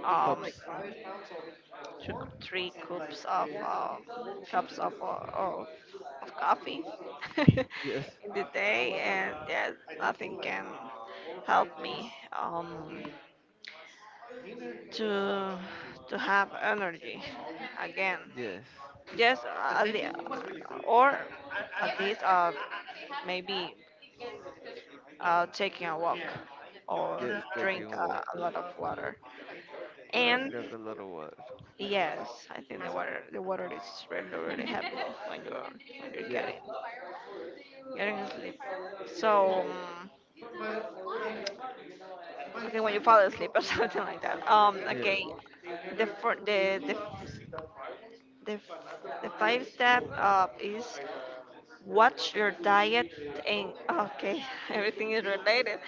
S1: um
S2: Cups.
S1: two, three cups of uh, cups of, uh, of of coffee
S2: Yes,
S1: in the day, and yes, nothing can help me um to to have energy again.
S2: yes,
S1: Yes, uh, at lea- or at least uh, maybe uh, taking a walk
S2: yes.
S1: or
S2: Taking
S1: drink
S2: a walk.
S1: uh, a lot of water.
S2: But I
S1: And
S2: drink a lot of water.
S1: yes, I think the water the water is really really helpful when you are when you
S2: Yes,
S1: get it getting asleep. So um, okay, when you fall asleep or something like that. Um,
S2: yes,
S1: okay, the fir- the the the, f- the five step uh, is, what's your diet? And okay, everything is related.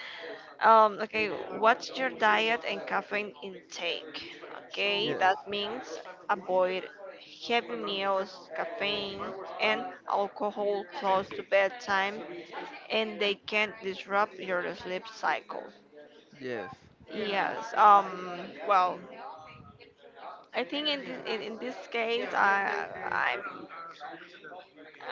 S1: Um, okay, what's your diet and caffeine intake? Okay,
S2: yes,
S1: that means avoid heavy meals, caffeine, and alcohol close to bedtime, and they can disrupt your sleep cycle.
S2: yes.
S1: Yes. Um. Well, I think in this, in, in this case, I I'm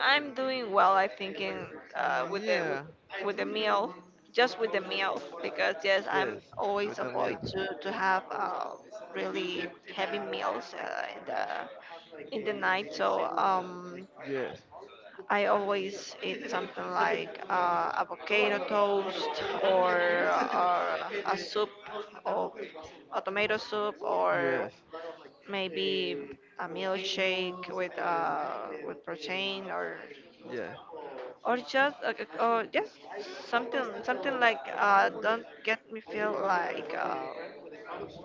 S1: I'm doing well, I think, in, uh, with the with,
S2: Yeah,
S1: with the meal, just with the meal, because yes, I'm
S2: yes.
S1: always
S2: With the
S1: avoid
S2: meals.
S1: to to have uh, really heavy meals uh, in the in the night. So um,
S2: Yes,
S1: I always eat something like uh, avocado toast, or, or a soup of a tomato soup or
S2: yes,
S1: maybe a milkshake with uh, with protein or
S2: yeah,
S1: or just uh, uh, or just something, something like uh, don't get me feel like uh,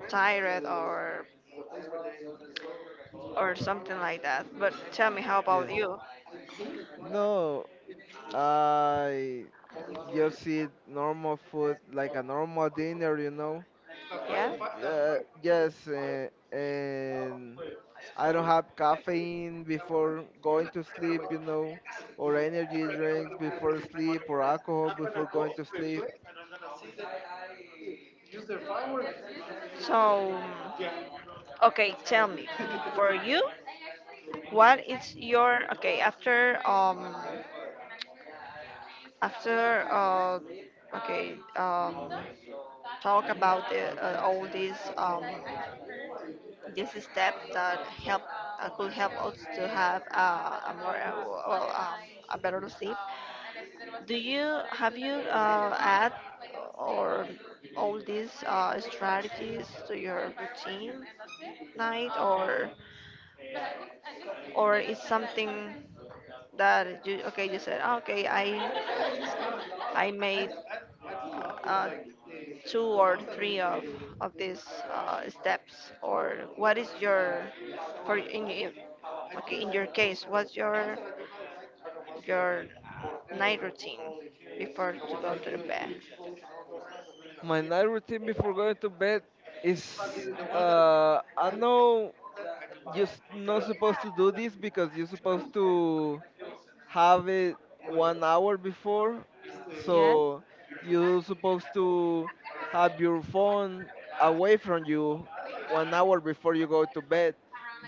S1: tired or or something like that. But tell me, how about
S2: yes.
S1: you?
S2: No, I just eat normal food like a normal dinner, you know.
S1: Yeah,
S2: Yeah, yes, uh, and I don't have caffeine before going to sleep, you know, or energy drinks before sleep, or alcohol before going to sleep.
S1: so okay, tell me, for you, what is your okay, after um after uh okay, um talk about the, uh, all these um, this step that help uh, could help us to have uh, a more uh, well, um, a better sleep. Do you have, you uh, add or all these uh, strategies to your routine night or or is something that you okay, you said, "Oh, okay, I I made uh, two or three of of these uh, steps," or what is your for in in- okay, in your case, what's your your night routine before to go to the bed?
S2: My night routine before going to bed is uh, I know you're s- not supposed to do this because you're supposed to have it one hour before.
S1: Yes.
S2: So you're supposed to have your phone away from you one hour before you go to bed.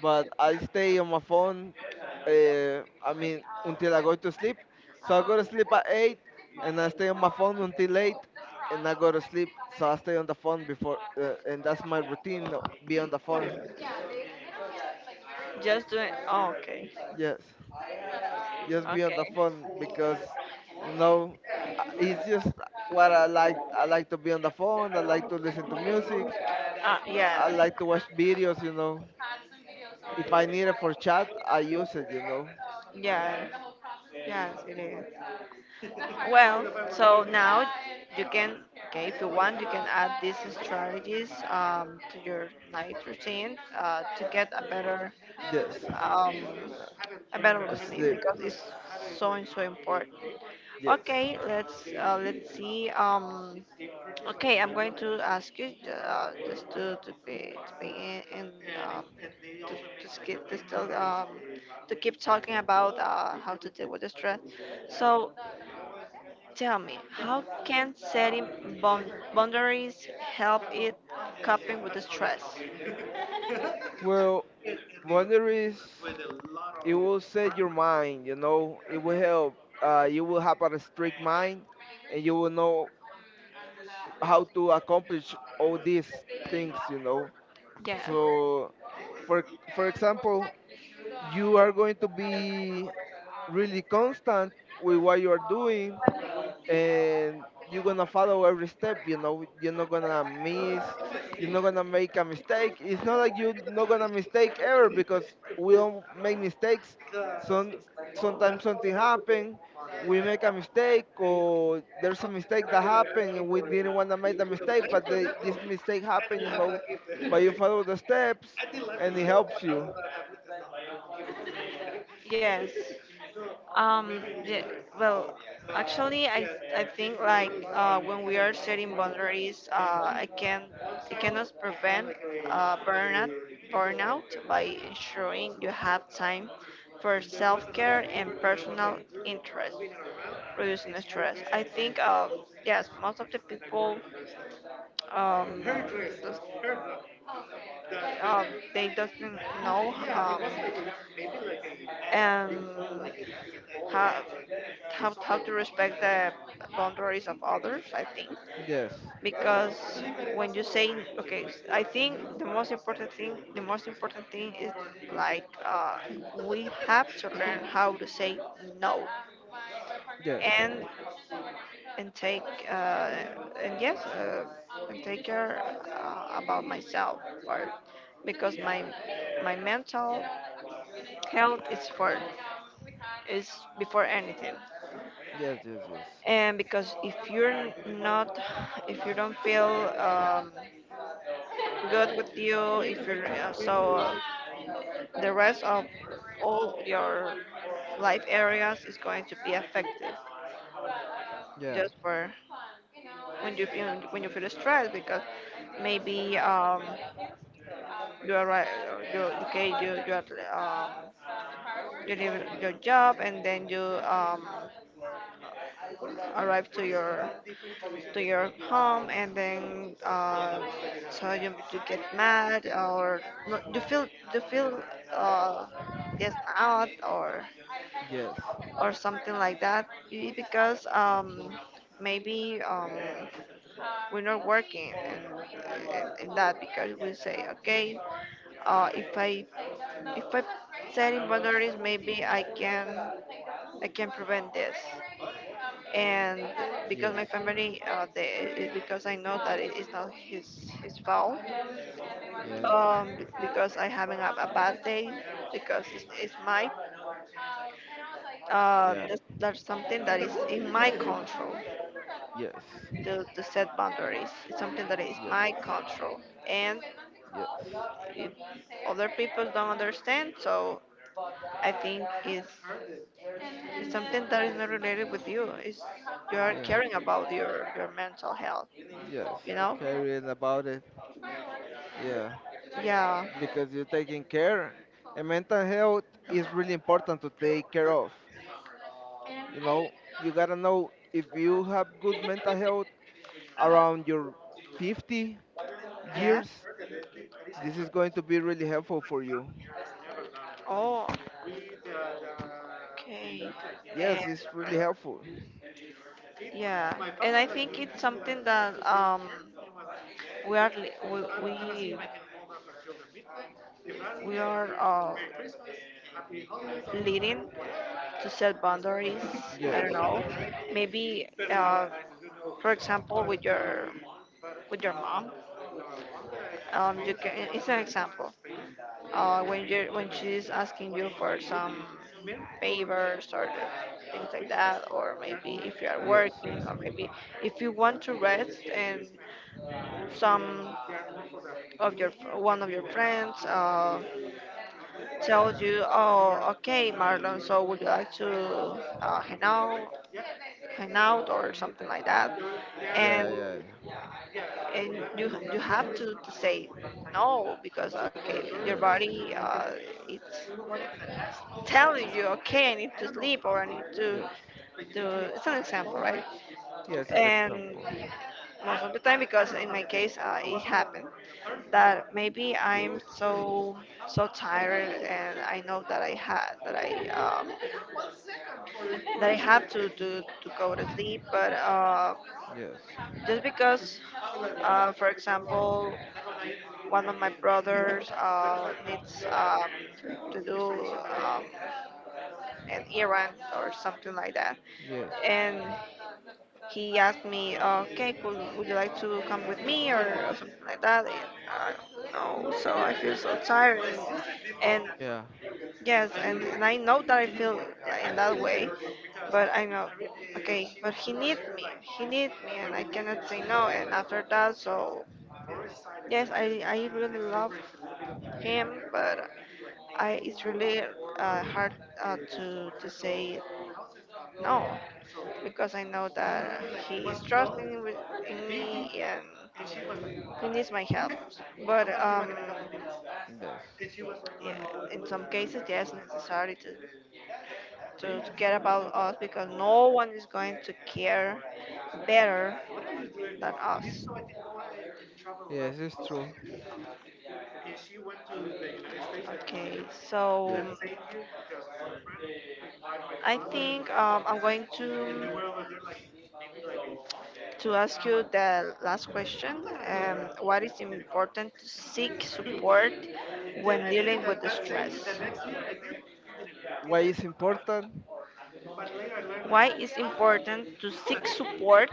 S2: But I stay on my phone, uh, I mean, until I go to sleep. So I go to sleep at eight and I stay on my phone until eight and I go to sleep. So I stay on the phone before, uh, and that's my routine, uh, be on the phone.
S1: Just doing. Oh, okay.
S2: Yes. Just be on the
S1: Okay.
S2: phone because you know uh, it's just what I like. I like to be on the phone. I like to listen to music.
S1: Ah, yeah.
S2: I like to watch videos. You know, if I need it for chat, I use it. You know,
S1: Yeah. Yes, it is. Well, so now you can, okay, if you want, you can add these strategies um, to your night routine uh, to get a better
S2: yes,
S1: um, a better
S2: uh,
S1: sleep
S2: sleep.
S1: because it's so and so important.
S2: Yes.
S1: Okay, let's uh, let's see. Um, okay, I'm going to ask you uh, just to to be to be in, in um, to, to skip to still um, to keep talking about uh, how to deal with the stress. So tell me, how can setting bound- boundaries help it coping with the stress?
S2: Well, boundaries, it will set your mind. You know, it will help. Uh, you will have a strict mind, and you will know how to accomplish all these things. You know,
S1: Yeah.
S2: so, for for example, you are going to be really constant with what you are doing, and you're gonna follow every step, you know. You're not gonna miss, you're not gonna make a mistake. It's not like you're not gonna mistake ever because we all make mistakes. some Sometimes something happen, we make a mistake, or there's a mistake that happened and we didn't want to make the mistake, but the, this mistake happened, you know, but you follow the steps and it helps you.
S1: Yes. Um, yeah, well, actually, I, I think like uh, when we are setting boundaries, uh, I can it cannot prevent uh, burnout burnout by ensuring you have time for self-care and personal interests, reducing stress. I think uh, yes, most of the people um, um, they doesn't know um, and how, how how to respect the boundaries of others. I think
S2: Yes,
S1: because when you say okay, I think the most important thing the most important thing is like uh, we have to learn how to say no.
S2: yes,
S1: And and take uh, and yes uh, and take care uh, about myself, for because my my mental health is for is before anything.
S2: yes, yes, yes,
S1: And because if you're not, if you don't feel um, good with you, if you're uh, so uh, the rest of all your life areas is going to be affected
S2: yeah,
S1: just for when you feel when you feel stressed. Because maybe um, you are right. Uh, you okay, you you are um you leave your job and then you um arrive to your to your home, and then uh so you, you get mad. Or no, you feel you feel uh yes out, or
S2: yes,
S1: or something like that. Y- because um maybe um we're not working in, in, in that, because we say, okay, uh, if I if I setting boundaries, maybe I can I can prevent this. And because
S2: yes,
S1: my family, uh, they, it, because I know that it is not his his fault.
S2: yeah,
S1: Um, b- because I haven't had a bad day, because it's, it's my, uh,
S2: yeah.
S1: that's, that's something that is in my control
S2: Yes,
S1: to, to set boundaries. It's something that is
S2: yes,
S1: my control. And
S2: yes,
S1: if other people don't understand, so I think it's, it's something that is not related with you. It's you are
S2: yeah,
S1: caring about your, your mental health,
S2: yes.
S1: you know?
S2: Caring about it, yeah,
S1: Yeah.
S2: because you're taking care. And mental health is really important to take care of. You know, you gotta know if you have good mental health around your fifty
S1: Yeah.
S2: years, this is going to be really helpful for you.
S1: Oh. Okay. And
S2: Yes, it's really helpful.
S1: yeah, and I think it's something that um we are li- we we, we are uh, leading to set boundaries. I
S2: Yes,
S1: don't know. Maybe, uh, for example, with your with your mom, um, you can. It's an example. Uh, when you when she's asking you for some favors or things like that, or maybe if you are
S2: yes,
S1: working, or maybe if you want to rest, and some of your one of your friends uh, tells you, "Oh, okay, Marlon, so would you like to uh, hang out, hang out, or something like that?" And
S2: yeah, yeah, yeah.
S1: and you you have to, to say no. Because okay, your
S2: Yes,
S1: body uh, it's telling you, "Okay, I need to sleep, or I need to
S2: yes,
S1: to." It's an example, right?
S2: yes. It's
S1: And
S2: example.
S1: most of the time, because in my case uh, it happened that maybe
S2: Yes,
S1: I'm so so tired, and I know that I had that I um, that I have to do to go to sleep. But uh,
S2: yes,
S1: just because uh, for example, one of my brothers uh, needs um, to do um, an errand or something like that,
S2: yes.
S1: and he asked me, okay, could, would you like to come with me or something like that? And I don't know, so I feel so tired. And, and
S2: Yeah.
S1: yes, and, and I know that I feel in that way, but I know, okay, but he needs me, he needs me, and I cannot say no. And after that, so yes, I, I really love him, but I, it's really uh, hard uh, to, to say no, because I know that he is trusting with, in me, and he needs my help. But um,
S2: Yes.
S1: Yeah, in some cases, yes, necessary to to, to care about us, because no one is going to care better than us.
S2: Yes, it's true.
S1: Okay, so
S2: Yes.
S1: I think um, I'm going to to ask you the last question. Um, what is important to seek support when dealing with the stress?
S2: Why is important?
S1: Why it's important to seek support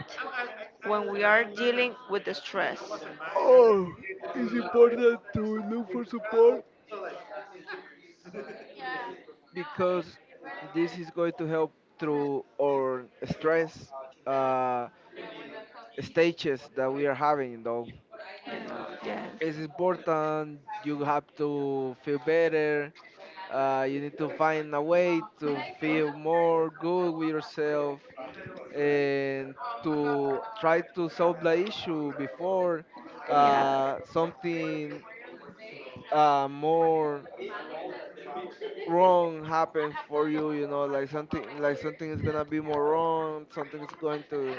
S1: when we are dealing with the stress?
S2: Oh, it's important to look for support because this is going to help through our stress uh, stages that we are having. Though it's important, you have to feel better. Uh, you need to find a way to feel more good with yourself and to try to solve the issue before
S1: Yes.
S2: uh, something uh, more wrong happen for
S1: Yeah.
S2: you, you know. Like something like something is gonna be more wrong, something is going to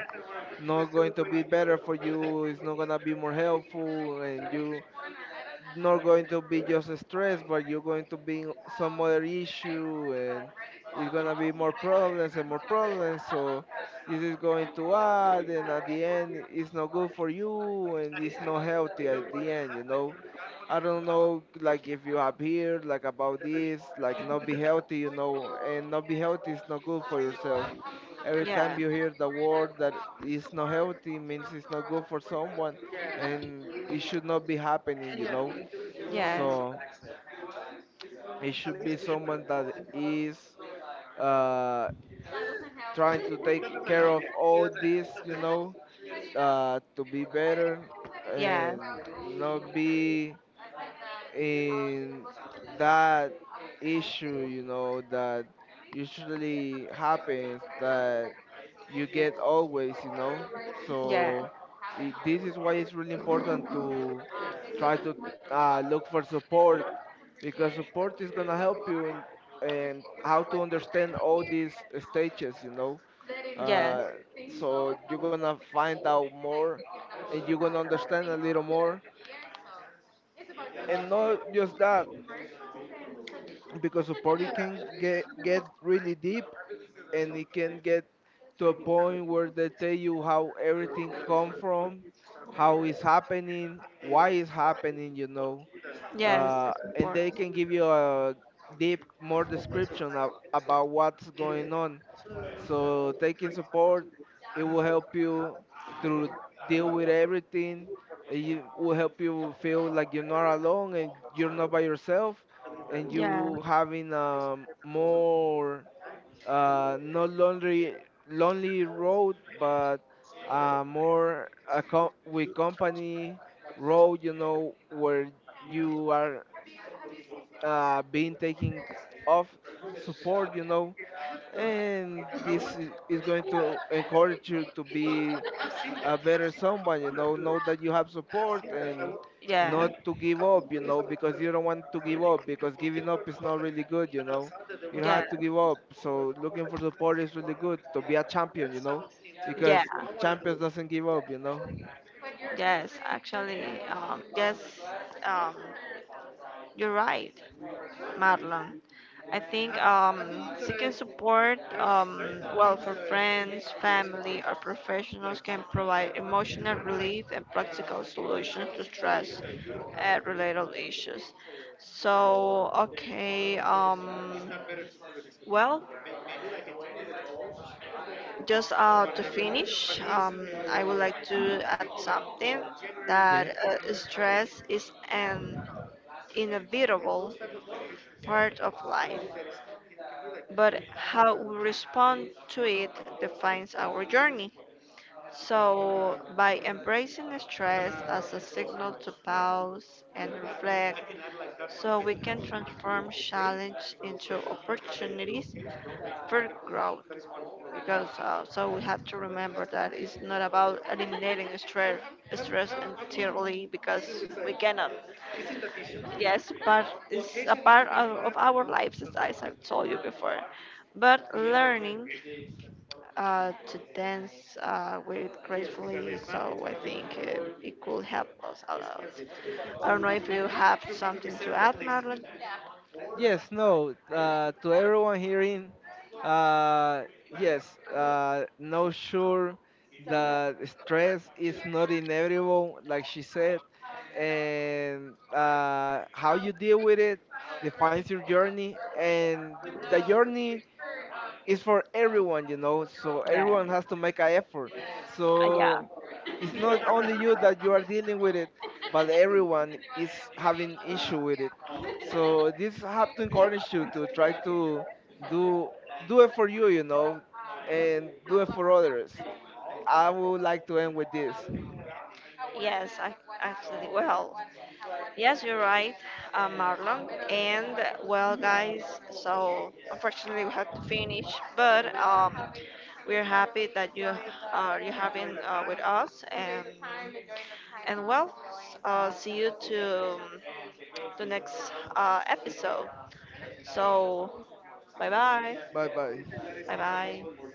S2: not going to be better for you, it's not gonna be more helpful, and you not going to be just stress, but you're going to be in some other issue, and it's gonna be more problems and more problems. So this is going to add, and at the end, it's not good for you, and it's not healthy at the end. You know, I don't know, like if you have heard like about this, like not be healthy, you know, and not be healthy is not good for yourself. Every
S1: Yeah.
S2: time you hear the word that is not healthy means it's not good for someone and it should not be happening, you know,
S1: Yes.
S2: so it should be someone that is uh,
S1: That
S2: trying
S1: doesn't
S2: to
S1: help.
S2: take care of all this, you know, uh, to be better and not be, and that issue, you know, that usually happens, that you get always, you know.
S1: Yeah. Yeah.
S2: So I This is why it's really important to try to uh, look for support because support is going to help you in and how to understand all these stages, you know.
S1: Yes.
S2: uh, so you're going to find out more and you're going to understand a little more, and not just that, because the party can get get really deep, and it can get to a point where they tell you how everything come from, how it's happening, why it's happening, you know.
S1: Yes,
S2: Uh,
S1: it's
S2: and they
S1: important.
S2: can give you a deep more description of, about what's going on. So taking support, it will help you to deal with everything. Uh, you will help you feel like you're not alone and you're not by yourself, and
S1: Yeah.
S2: you having a more uh, not lonely lonely road, but uh, more a co- with company road. You know, where you are uh, being taken off support, you know, and this i- is going to encourage you to be a better someone, you know, know that you have support and
S1: Yeah.
S2: not to give up, you know, because you don't want to give up because giving up is not really good, you know. You don't
S1: Yeah.
S2: have to give up. So looking for support is really good to be a champion, you know, because
S1: Yeah.
S2: champions doesn't give up, you know.
S1: Yes, actually, um, yes, um, you're right, Marlon. I think um, seeking support, um, well, for friends, family, or professionals can provide emotional relief and practical solutions to stress uh, related issues. So, okay, um, well, just uh, to finish, um, I would like to add something
S2: Yes.
S1: that uh, stress is an inevitable part of life, but how we respond to it defines our journey. So, by embracing stress as a signal to pause and reflect, so we can transform challenge into opportunities for growth. Because uh, so we have to remember that it's not about eliminating stress, stress entirely, because we cannot. Yes, part is a part of, of our lives, as I as I've told you before. But learning uh, to dance uh, with gracefully, so I think it, it could help us a lot. I don't know if you have something to add, Marlon.
S2: Yes, no. Uh, to everyone hearing, uh, yes, uh, no, sure that stress is not inevitable, like she said, and uh, how you deal with it defines your journey, and the journey, it's for everyone, you know. So
S1: Yeah,
S2: everyone has to make an effort.
S1: uh, yeah,
S2: So it's not only you that you are dealing with it, but everyone is having issue with it. So this have to encourage you to try to do do it for you, you know, and do it for others. I would like to end with this.
S1: Yes, I actually well, Yes, you're right, uh, Marlon. And well, guys, so unfortunately we have to finish, but um, we're happy that you are you have been uh, with us, and and well, uh, see you to um, the next uh, episode. So bye bye,
S2: Bye bye.
S1: bye bye.